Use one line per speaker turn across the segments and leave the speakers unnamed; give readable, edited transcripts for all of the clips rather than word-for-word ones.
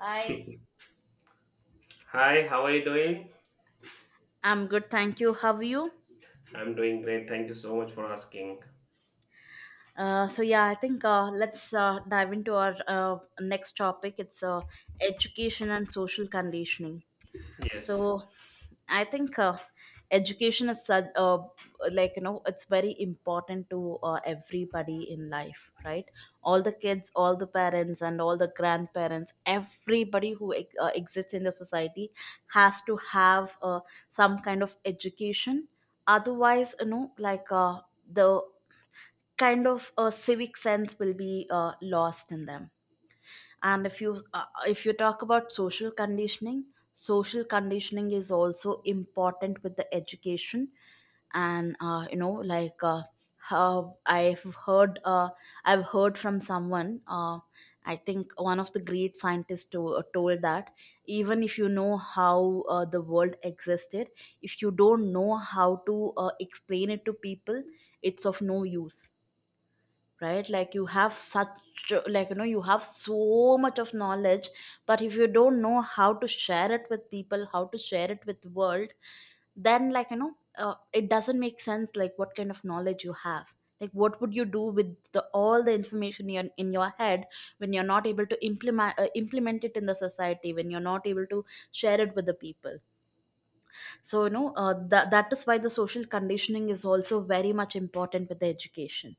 Hi.
Hi, how are you doing?
I'm good, thank you. How are you?
I'm doing great. Thank you so much for asking.
So yeah, I think let's dive into our next topic. It's Education and social conditioning.
Yes.
So I think education is such, like you know it's very important to everybody in life, right? All the kids, all the parents, and all the grandparents, everybody who exists in the society has to have some kind of education. Otherwise, you know, the kind of civic sense will be lost in them. And if you talk about social conditioning, social conditioning is also important with the education. And you know how I've heard from someone. I think one of the great scientists told that even if you know how the world existed, if you don't know how to explain it to people, it's of no use. Right, like you have such, like you know, you have so much of knowledge, but if you don't know how to share it with people, how to share it with the world, then it doesn't make sense, like what kind of knowledge you have, like what would you do with all the information you're in your head, when you're not able to implement it in the society, when you're not able to share it with the people. So that is why the social conditioning is also very much important with the education.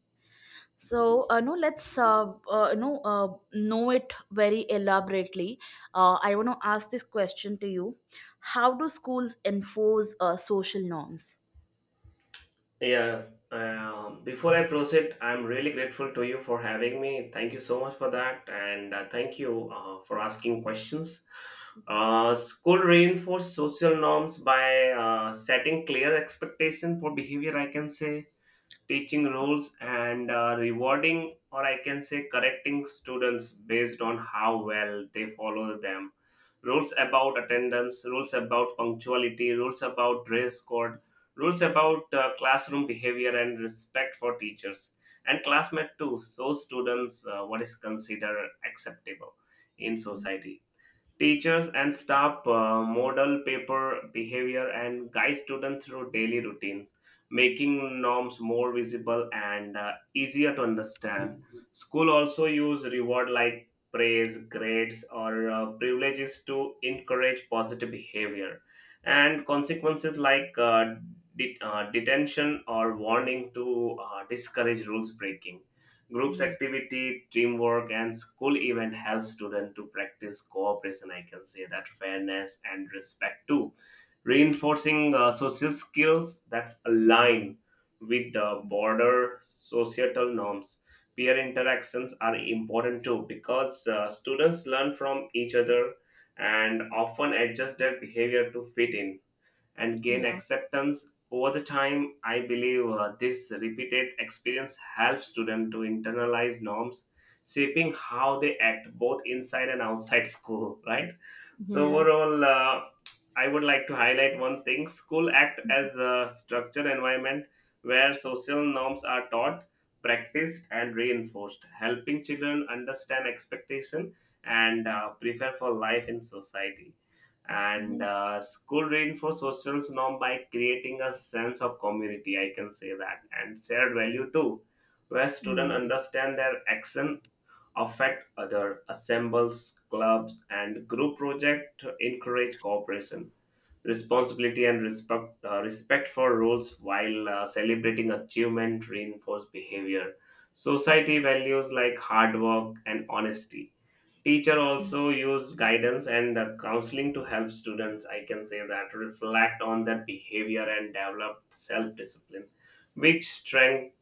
So, no, let's uh, you know uh, know it very elaborately. I want to ask this question to you: how do schools enforce social norms?
Yeah. Before I proceed, I'm really grateful to you for having me. Thank you so much for that. And thank you for asking questions. School reinforce social norms by setting clear expectation for behavior, I can say, teaching roles and rewarding, or I can say correcting students based on how well they follow them. Rules about attendance, rules about punctuality, rules about dress code, rules about classroom behavior and respect for teachers and classmate too. So students what is considered acceptable in society. Teachers and staff model paper behavior and guide students through daily routines, making norms more visible and easier to understand. School also use reward like praise, grades, or privileges to encourage positive behavior, and consequences like detention or warning to discourage rules breaking. Groups
Yeah,
activity, teamwork, and school event help students to practice cooperation. I can say that fairness and respect too, reinforcing social skills that's aligned with the broader societal norms. Peer interactions are important too because students learn from each other and often adjust their behavior to fit in and gain
yeah,
acceptance. Over the time, I believe this repeated experience helps students to internalize norms, shaping how they act both inside and outside school, right? So
yeah.
overall, I would like to highlight one thing: school act as a structured environment where social norms are taught, practiced, and reinforced, helping children understand expectation and prepare for life in society. And
Mhm.
school reinforce social norm by creating a sense of community, I can say that, and shared value too, where students
Yeah,
understand their action affect other. Assembles, clubs, and group project encourage cooperation, responsibility, and respect for rules, while celebrating achievement reinforce behavior, society values like hard work and honesty. Teacher also use guidance and counseling to help students, I can say that, reflect on their behavior and develop self-discipline, which strength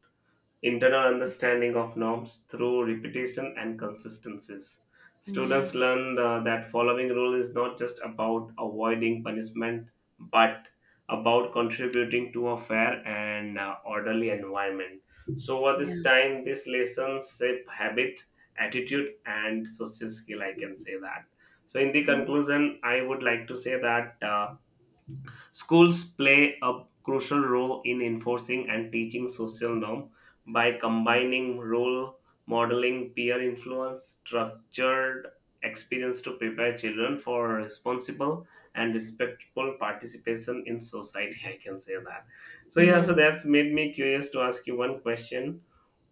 internal understanding of norms through repetition and consistencies.
yeah,
Students learn that following rule is not just about avoiding punishment, but about contributing to a fair and orderly environment. So, over this
yeah,
time, these lessons shape habit, attitude, and social skill. I can say that. So, in the
yeah,
conclusion, I would like to say that. Schools play a crucial role in enforcing and teaching social norm by combining role modeling, peer influence, structured experience to prepare children for responsible and respectful participation in society. I can say that. So yeah,
yeah.
so that's made me curious to ask you one question.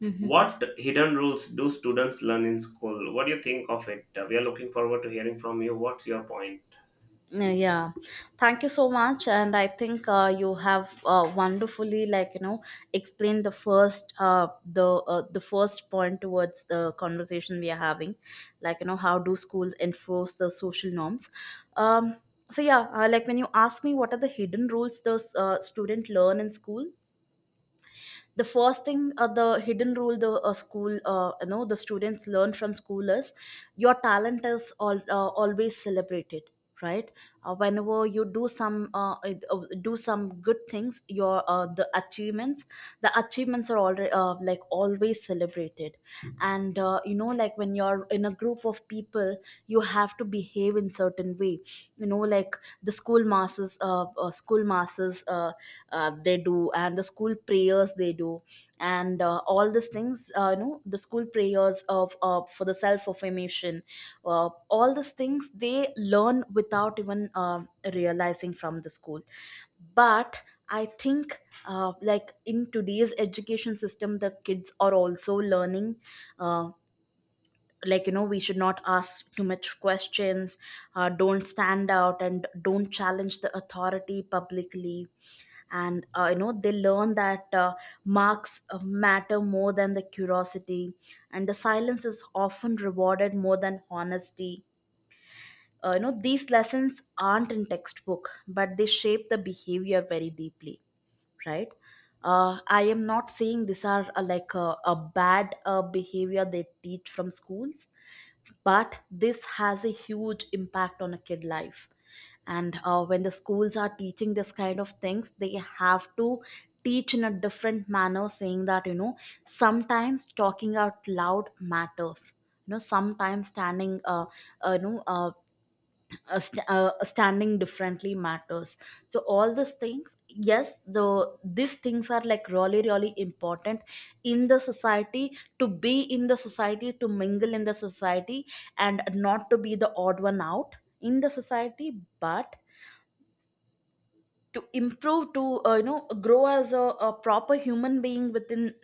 Mhm.
What hidden rules do students learn in school? What do you think of it? We are looking forward to hearing from you. What's your point?
Yeah, thank you so much, and I think you have wonderfully, like you know, explained the the first point towards the conversation we are having, like you know, how do schools enforce the social norms. Um, so yeah, like when you ask me what are the hidden rules the student learn in school, the first thing, the hidden rule the school you know the students learn from school is your talent is always celebrated, right? Whenever you do some do some good things, your the achievements, the achievements are already like always celebrated. And you know, like when you're in a group of people, you have to behave in certain way. You know, like the school masses, school masses, they do, and the school prayers they do. And all these things you know, the school prayers of for the self affirmation, all these things they learn without even realizing from the school. But I think like in today's education system the kids are also learning, uh, like you know, we should not ask too much questions. Uh, don't stand out and don't challenge the authority publicly. And you know, they learn that marks matter more than the curiosity, and the silence is often rewarded more than honesty. Uh, you know, these lessons aren't in textbook, but they shape the behavior very deeply, right? Uh, I am not saying these are like a bad behavior they teach from schools, but this has a huge impact on a kid life. And when the schools are teaching this kind of things, they have to teach in a different manner, saying that, you know, sometimes talking out loud matters. You know, sometimes standing you know st- standing differently matters. So all these things, yes, these things are like really really important in the society, to be in the society, to mingle in the society, and not to be the odd one out in the society, but to improve, to you know, grow as a proper human being within,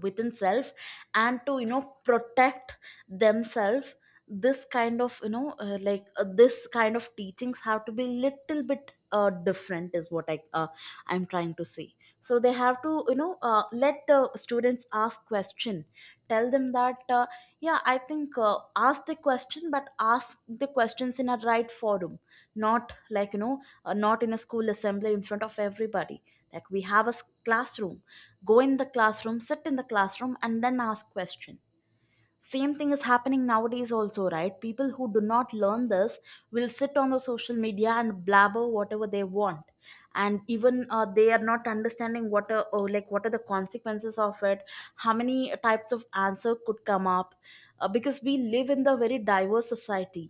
within self, and to, you know, protect themselves. This kind of, this kind of teachings have to be little bit different is what I'm trying to say. So they have to, you know, let the students ask question. Tell them that, yeah I think, ask the question, but ask the questions in a right forum. Not, like you know, not in a school assembly in front of everybody. Like we have a classroom, go in the classroom, sit in the classroom, and then ask question. Same thing is happening nowadays also, right? People who do not learn this will sit on the social media and blabber whatever they want, and even they are not understanding what are, or like what are the consequences of it, how many types of answer could come up, because we live in the very diverse society,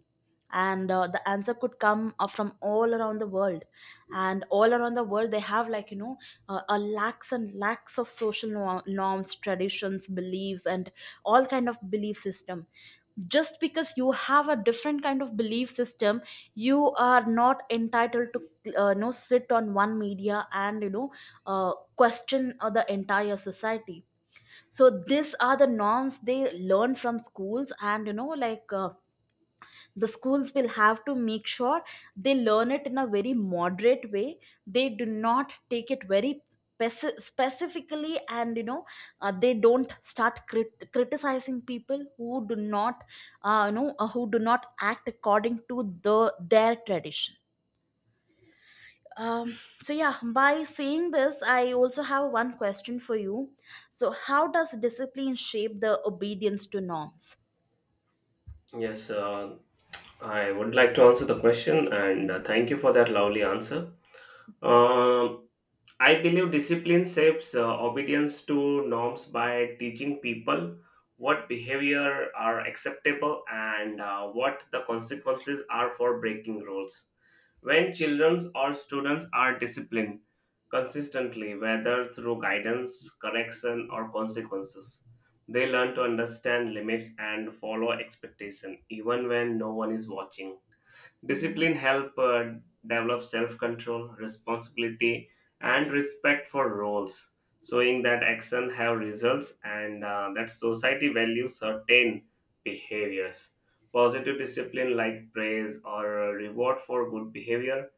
and the answer could come from all around the world, and all around the world they have, like you know, a lakhs and lakhs of social norms, traditions, beliefs, and all kind of belief system. Just because you have a different kind of belief system, you are not entitled to you know, sit on one media and you know question the entire society. So these are the norms they learn from schools, and you know, the schools will have to make sure they learn it in a very moderate way, they do not take it very specifically, and you know they don't start criticizing people who do not you know who do not act according to the their tradition. Um, so yeah, by saying this, I also have one question for you: so how does discipline shape the obedience to norms?
Yes, I would like to answer the question and thank you for that lovely answer. Um I believe discipline shapes obedience to norms by teaching people what behavior are acceptable and what the consequences are for breaking rules. When children or students are disciplined consistently, whether through guidance, correction, or consequences, they learn to understand limits and follow expectation even when no one is watching.
Yeah.
Discipline help develop self-control, responsibility, and respect for roles, showing that action have results and that society values certain behaviors. Positive discipline like praise or reward for good behavior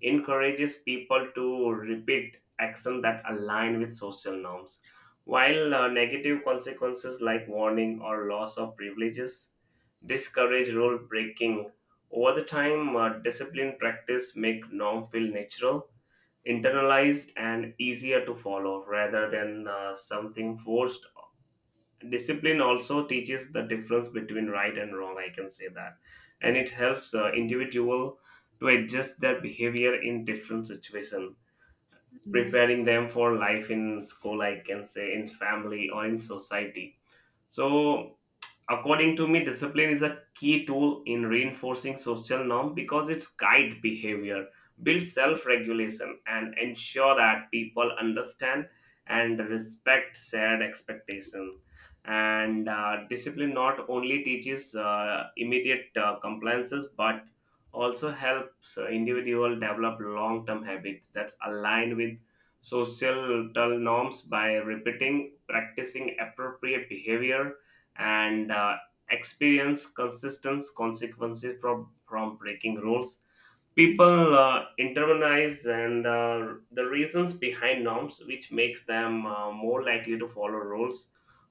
encourages people to repeat action that align with social norms, while negative consequences like warning or loss of privileges discourage rule breaking. Over the time, discipline practice make norm feel natural, internalized, and easier to follow rather than something forced. Discipline also teaches the difference between right and wrong. I can say that, and it helps individual to adjust their behavior in different situation,
Yeah.
preparing them for life in school. I can say in family or in society. So, according to me, discipline is a key tool in reinforcing social norm because it's guide behavior, build self-regulation, and ensure that people understand and respect shared expectation. And discipline not only teaches immediate compliances but also helps individual develop long-term habits that's aligned with social norms by repeating, practicing appropriate behavior and experience consistent consequences from breaking rules. People internalize and the reasons behind norms, which makes them more likely to follow rules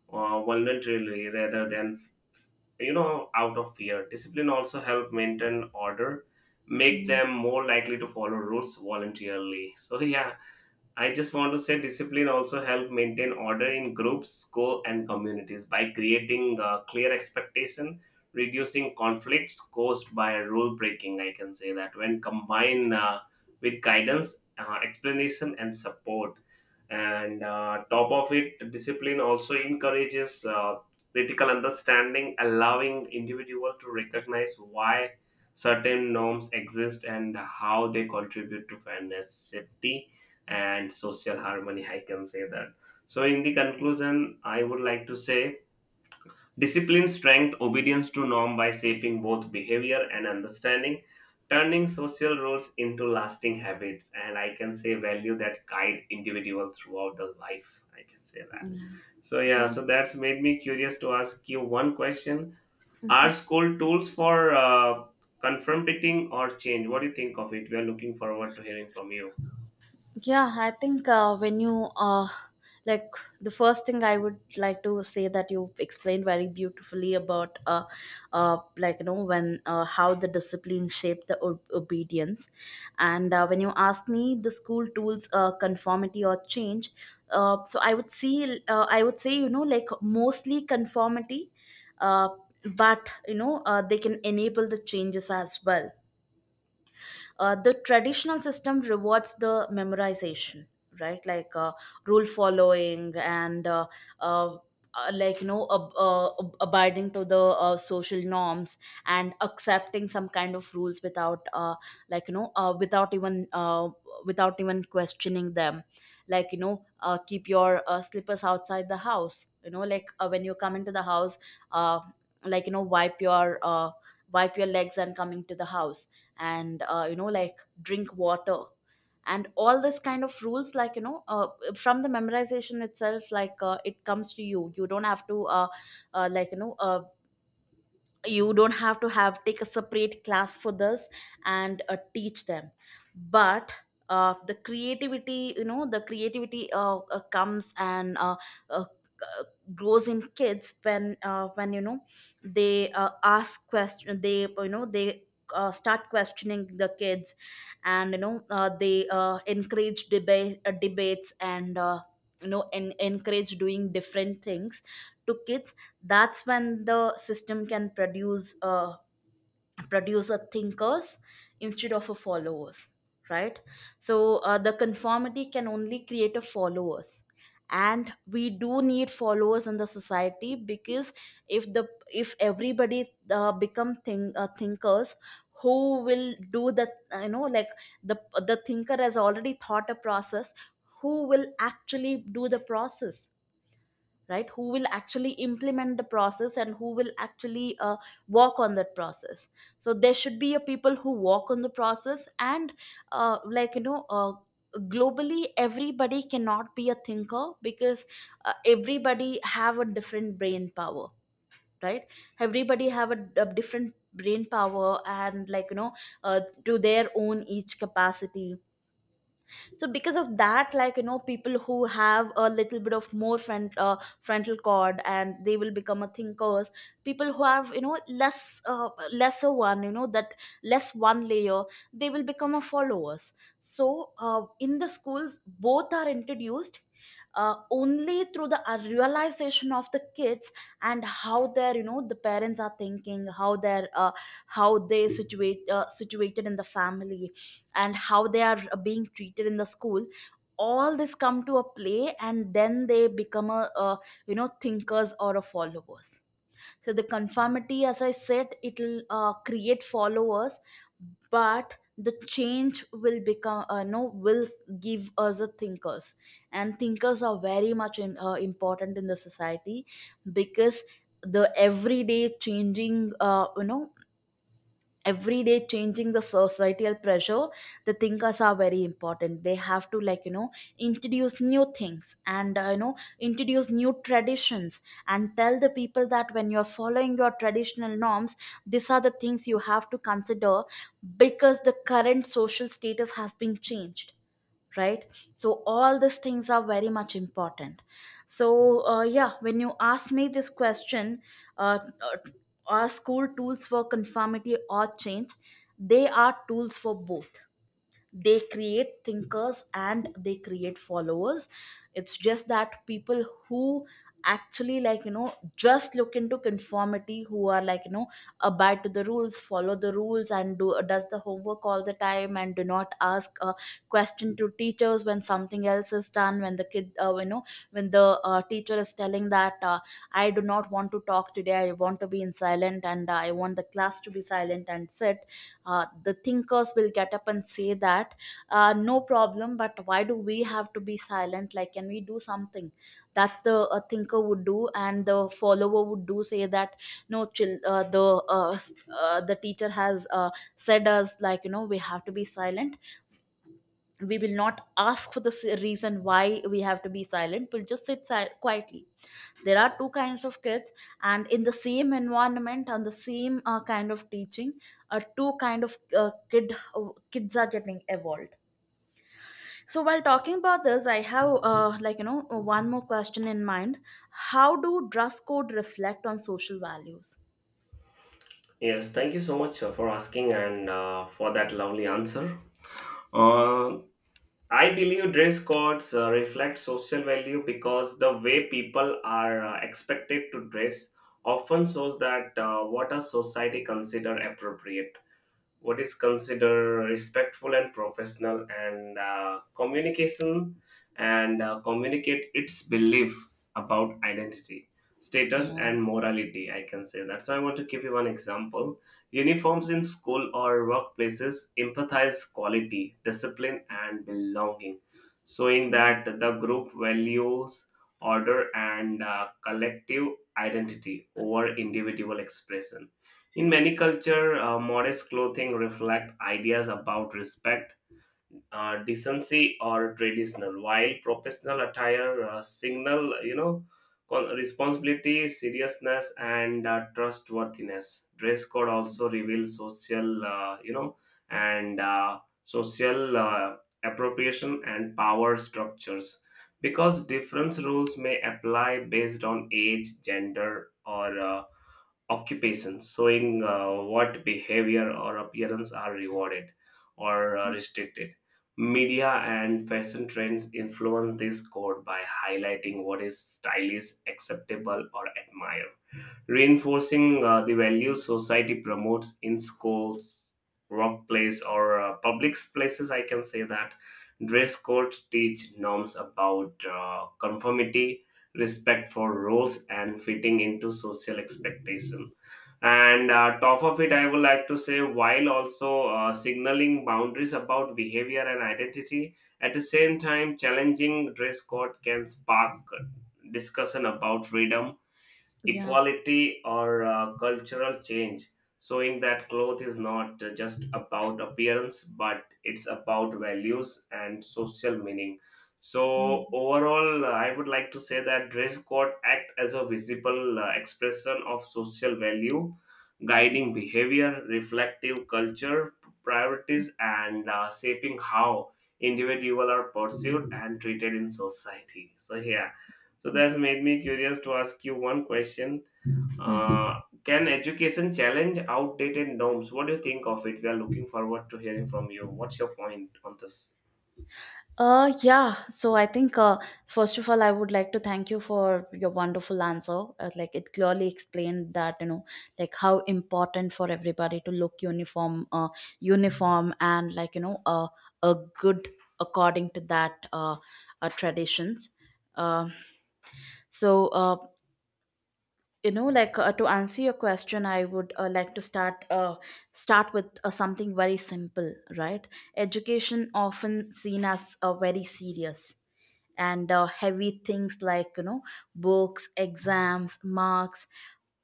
voluntarily rather than, you know, out of fear. Discipline also help maintain order, make
Mm.
them more likely to follow rules voluntarily. So yeah, I just want to say discipline also help maintain order in groups, school, and communities by creating clear expectation, reducing conflicts caused by rule breaking. I can say that when combined with guidance, explanation, and support and top of it, discipline also encourages critical understanding, allowing individual to recognize why certain norms exist and how they contribute to fairness, safety, and social harmony. I can say that. So in the conclusion, I would like to say discipline strengthens obedience to norm by shaping both behavior and understanding, turning social rules into lasting habits, and I can say value that guide individual throughout the life. I can say that.
Mm.
So yeah,
Yeah.
so that's made me curious to ask you one question: are school tools for confronting or change? What do you think of it? We are looking forward to hearing from you.
Yeah, I think when you like, the first thing I would like to say that you explained very beautifully about like you know, when how the discipline shaped the obedience. And when you asked me the school tools conformity or change, so I would see. I would say, you know, like mostly conformity, uh, but you know they can enable the changes as well. Uh, the traditional system rewards the memorization, right? Rule following, and uh, like you know, abiding to the social norms, and accepting some kind of rules without like you know without even without even questioning them. Like you know, keep your slippers outside the house, you know, like when you come into the house, uh, like you know, wipe your legs and coming to the house, and you know, like drink water, and all this kind of rules, like you know from the memorization itself, it comes to you. You don't have to like you know you don't have to have take a separate class for this and teach them. But the creativity, you know, the creativity comes and uh, uh, grows in kids when you know they ask question, they you know they start questioning the kids, and you know they encourage debates, and you know, encourage doing different things to kids. That's when the system can produce a thinkers instead of a followers, right? So the conformity can only create a followers. And we do need followers in the society, because if the, if everybody become thinkers, who will do the, uh, you know like the the thinker has already thought a process, who will actually do the process, right? Who will actually implement the process, and who will actually walk on that process. So there should be a people who walk on the process. And like you know globally everybody cannot be a thinker, because everybody have a different brain power, right? Everybody have a different brain power, and like you know to their own each capacity. So because of that, like you know, people who have a little bit of more frontal cord, and they will become a thinkers. People who have, you know, less lesser one, you know, that less one layer, they will become a followers. So in the schools both are introduced only through the realization of the kids, and how their, you know, the parents are thinking, how their how they situated in the family, and how they are being treated in the school. All this come to a play, and then they become a, you know, thinkers or a Followers. So the conformity, as I said, it'll create followers, but the change will become no will give us a thinkers. And thinkers are very much important in the society, because the everyday changing every day changing the societal pressure, the thinkers are very important. They have to, introduce new things and introduce new traditions, and tell the people that when you're following your traditional norms, these are the things you have to consider, because the current social status has been changed, right? So all these things are very much important. So yeah, when you ask me this question, uh, uh, are school tools for conformity or change? They are tools for both. They create thinkers and they create followers. It's just that people who actually, just look into conformity, who are, abide to the rules, follow the rules, and do does the homework all the time, and do not ask a question to teachers when something else is done. When the kid, when the teacher is telling that, I do not want to talk today, I want to be in silent, and I want the class to be silent and sit, the thinkers will get up and say that, no problem, but why do we have to be silent? Like, can we do something? That's the thinker would do. And the follower would do, say that, no, chill, the teacher has said us, like, you know, we have to be silent. We will not ask for the reason why we have to be silent. We'll just sit quietly. There are two kinds of kids, and in the same environment, on the same kind of teaching, two kind of kids are getting evolved. So while talking about this, I have, one more question in mind. How do dress code reflect on social values?
Yes, thank you so much for asking and for that lovely answer. Uh, I believe dress codes reflect social value because the way people are expected to dress often shows that what a society consider appropriate, what is considered respectful and professional, and communication and communicate its belief about identity, status,
Yeah.
and morality. I can say that. So I want to give you one example: uniforms in school or workplaces empathize quality, discipline, and belonging, showing that the group values order and collective identity over individual expression. In many cultures, modest clothing reflect ideas about respect, decency, or traditional, while professional attire signal, you know, responsibility, seriousness, and trustworthiness. Dress code also reveals social, you know, and social appropriation and power structures, because different rules may apply based on age, gender, or occupations, showing what behavior or appearance are rewarded or restricted. Media and fashion trends influence this code by highlighting what is stylish, acceptable, or admired, reinforcing the values society promotes in schools, workplace, or public places. I can say that dress codes teach norms about conformity, respect for roles, and fitting into social expectation. And top of it, I would like to say, while also signaling boundaries about behavior and identity. At the same time, challenging dress code can spark discussion about freedom,
Yeah.
equality, or cultural change, showing that cloth is not just about appearance but it's about values and social meaning.
Mm.
So overall, I would like to say that dress code act as a visible expression of social value, guiding behavior, reflective culture, priorities, and shaping how individual are pursued and treated in society. So yeah, so that's made me curious to ask you one question. Uh, can education challenge outdated norms? What do you think of it? We are looking forward to hearing from you. What's your point on this?
Yeah. So I think, first of all, I would like to thank you for your wonderful answer. Like, it clearly explained that, you know, like how important for everybody to look uniform, uniform and, like, you know, a good, according to that, traditions. Um, so, uh, you know, like, to answer your question, I would, like to start, start with something very simple, right? Education often seen as very serious and heavy things, like, you know, books, exams, marks.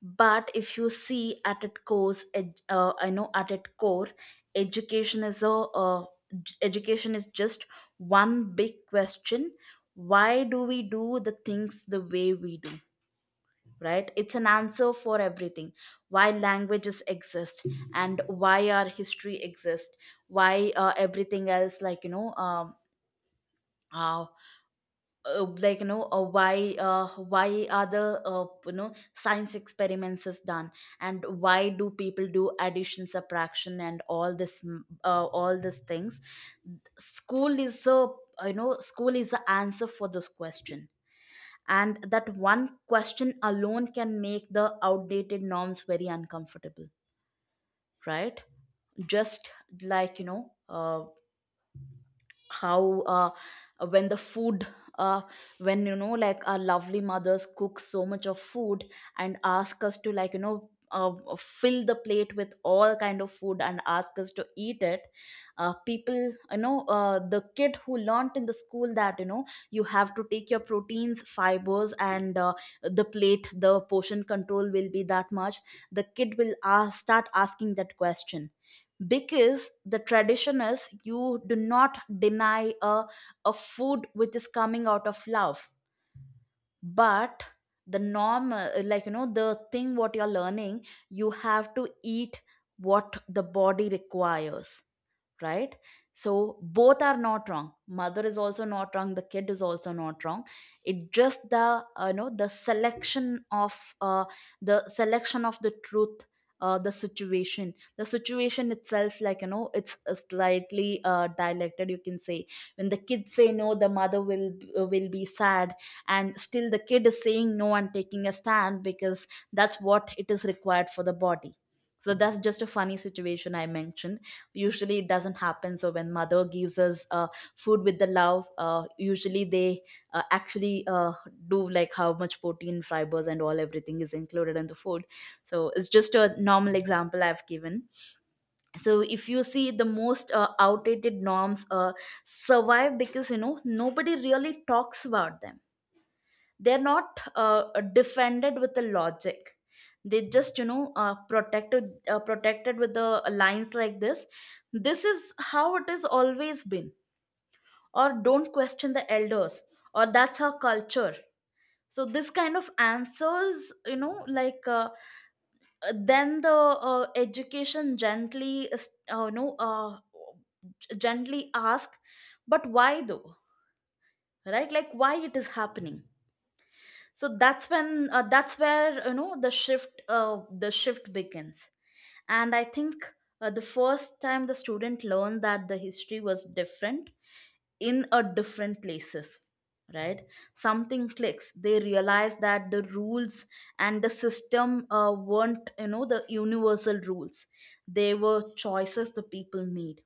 But if you see at its core, I know, at its core, education is a uh, education is just one big question. Why do we do the things the way we do? Right, it's an answer for everything. Why languages exist, and why our history exists, why everything else, uh, like you know why are the, science experiments is done, and why do people do addition, subtraction, and all this, all these things. School is a, you know, school is the answer for this question. And that one question alone can make the outdated norms very uncomfortable, right? Just, like you know uh, how, when the food, uh, when, you know, like, our lovely mothers cook so much of food and ask us to, fill the plate with all kind of food and ask us to eat it. People, the kid who learnt in the school that, you know, you have to take your proteins, fibers, and the plate, the portion control will be that much, the kid will ask, start asking that question. Because the tradition is, you do not deny a food which is coming out of love. But the norm, the thing what you're learning, you have to eat what the body requires, right? So both are not wrong. Mother is also not wrong. The kid is also not wrong. It just the, the selection of, the selection of the truth. The situation itself, like, you know, it's slightly dialected, you can say. When the kids say no, the mother will, will be sad. And still the kid is saying no and taking a stand, because that's what it is required for the body. So that's just a funny situation I mentioned. Usually it doesn't happen. So when mother gives us food with the love, usually they actually do like how much protein, fibers, and all, everything is included in the food. So it's just a normal example I've given. So if you see, the most outdated norms survive because, you know, nobody really talks about them. They're not defended with the logic. They just, you know, protected with the lines like this. This is how it has always been, or don't question the elders, or that's our culture. So this kind of answers, you know, like, then the education gently, uh, you know uh, gently ask, but why though? Right, like, why it is happening? So that's when, that's where, you know, the shift begins. And I think the first time the student learned that the history was different in a different places, right, something clicks. They realize that the rules and the system weren't, you know, the universal rules. They were choices the people made.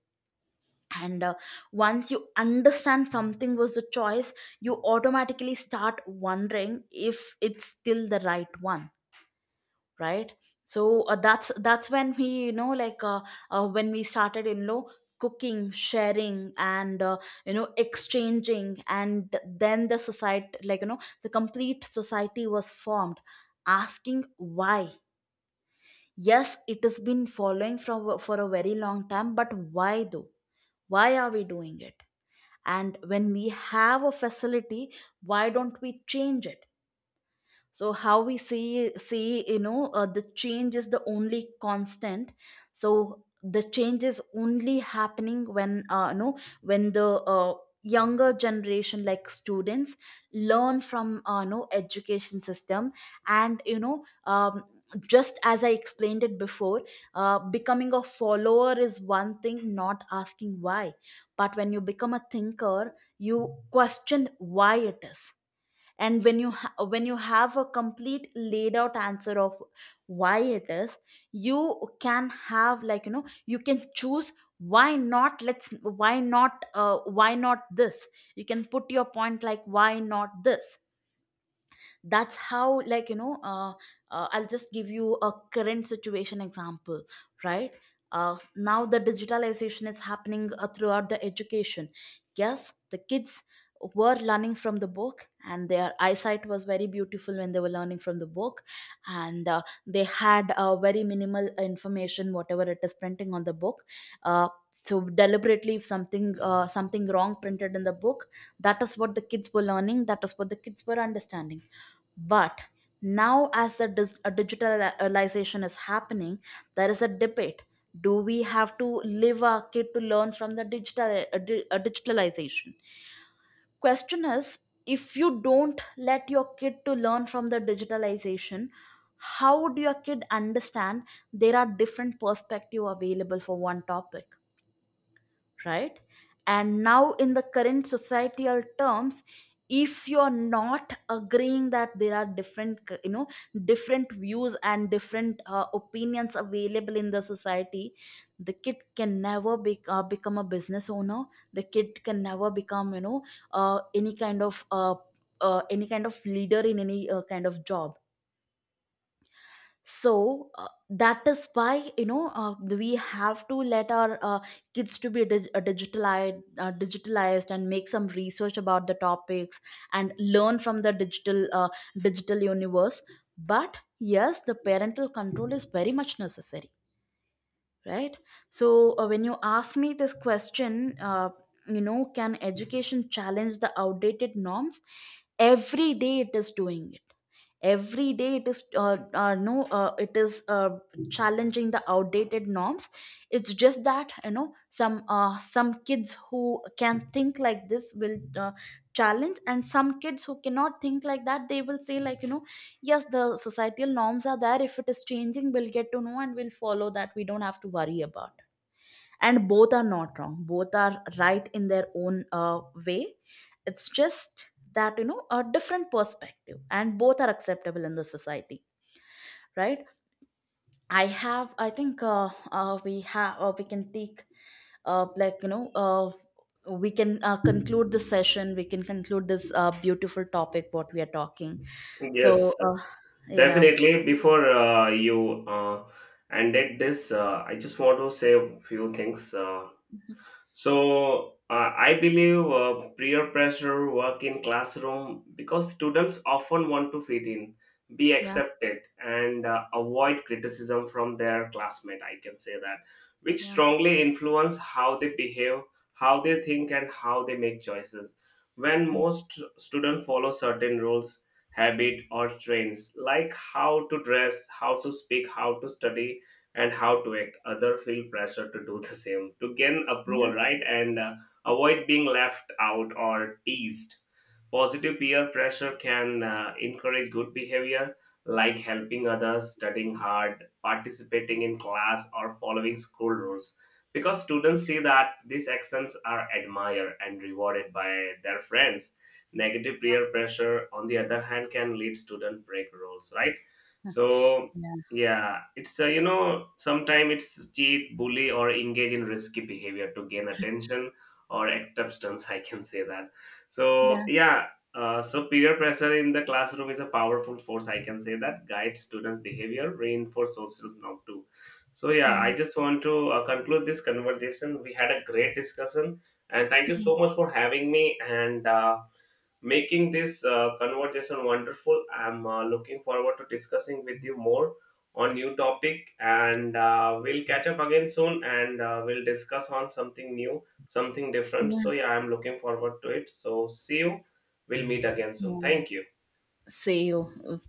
And once you understand something was the choice, you automatically start wondering if it's still the right one, right? So that's when we, you know, like, when we started, you know, cooking, sharing, and exchanging, and then the society, like, you know, the complete society was formed, asking why. Yes, it has been following from, for a very long time, but why though? Why are we doing it? And when we have a facility, why don't we change it? So how we see, you know, the change is the only constant. So the change is only happening when, when the uh, younger generation, like students, learn from, education system, and, you know, um, just as I explained it before, becoming a follower is one thing, not asking why. But when you become a thinker, you question why it is. And when you when you have a complete laid out answer of why it is, you can have, like, you know, you can choose, why not? Let's, why not this? You can put your point, like, why not this? That's how, I'll just give you a current situation example, right? Now the digitalization is happening throughout the education. Yes, the kids were learning from the book, and their eyesight was very beautiful when they were learning from the book. And they had very minimal information, whatever it is printing on the book. So deliberately, if something wrong printed in the book, that is what the kids were learning, that is what the kids were understanding. But now, as the digitalization is happening, there is a debate. Do we have to live our kid to learn from the digital digitalization? Question is, if you don't let your kid to learn from the digitalization, how would your kid understand there are different perspective available for one topic, right? And now, in the current societal terms, if you're not agreeing that there are different, you know, different views and different opinions available in the society, the kid can never be, become a business owner. The kid can never become, you know, uh, any kind of uh, any kind of leader in any kind of job. So that is why, you know, we have to let our kids to be digitalized and make some research about the topics, and learn from the digital digital universe. But yes, the parental control is very much necessary, right? So when you ask me this question, you know, can education challenge the outdated norms? Every day it is doing it. Every day it is, no it is challenging the outdated norms. It's just that, you know, some, some kids who can think like this will, challenge. And some kids who cannot think like that, they will say, like, you know, yes, the societal norms are there. If it is changing, we'll get to know, and we'll follow that. We don't have to worry about. And both are not wrong. Both are right in their own way. It's just that, you know, a different perspective, and both are acceptable in the society, right? I have I think we have, we can take, uh, like you know uh, we can conclude this session. We can conclude this beautiful topic what we are talking. So
Yes,
uh, yeah.
definitely. Before you ended this, I just want to say a few things. So I believe peer pressure work in classroom because students often want to fit in, be
Yeah.
accepted, and avoid criticism from their classmate. I can say that, which
Yeah.
strongly influence how they behave, how they think, and how they make choices. When
Mm.
most students follow certain rules, habit, or trends like how to dress, how to speak, how to study, and how to act, other feel pressure to do the same to gain approval,
Yeah.
right? And avoid being left out or teased. Positive peer pressure can encourage good behavior like helping others, studying hard, participating in class, or following school rules, because students see that these actions are admired and rewarded by their friends. Negative peer pressure, on the other hand, can lead student break rules, right? So,
Yeah,
yeah, it's you know, sometimes it's cheat, bully, or engage in risky behavior to gain attention or acceptance. I can say that. So yeah, so peer pressure in the classroom is a powerful force. I can say that guides student behavior, reinforce social norm too. So yeah,
yeah.
I just want to conclude this conversation. We had a great discussion, and thank you
Yeah,
so much for having me and making this conversation wonderful. I'm looking forward to discussing with you more on new topic, and we'll catch up again soon, and we'll discuss on something new, something different.
yeah.
So yeah, I'm looking forward to it. So see you. We'll meet again soon.
Yeah.
Thank you.
See you.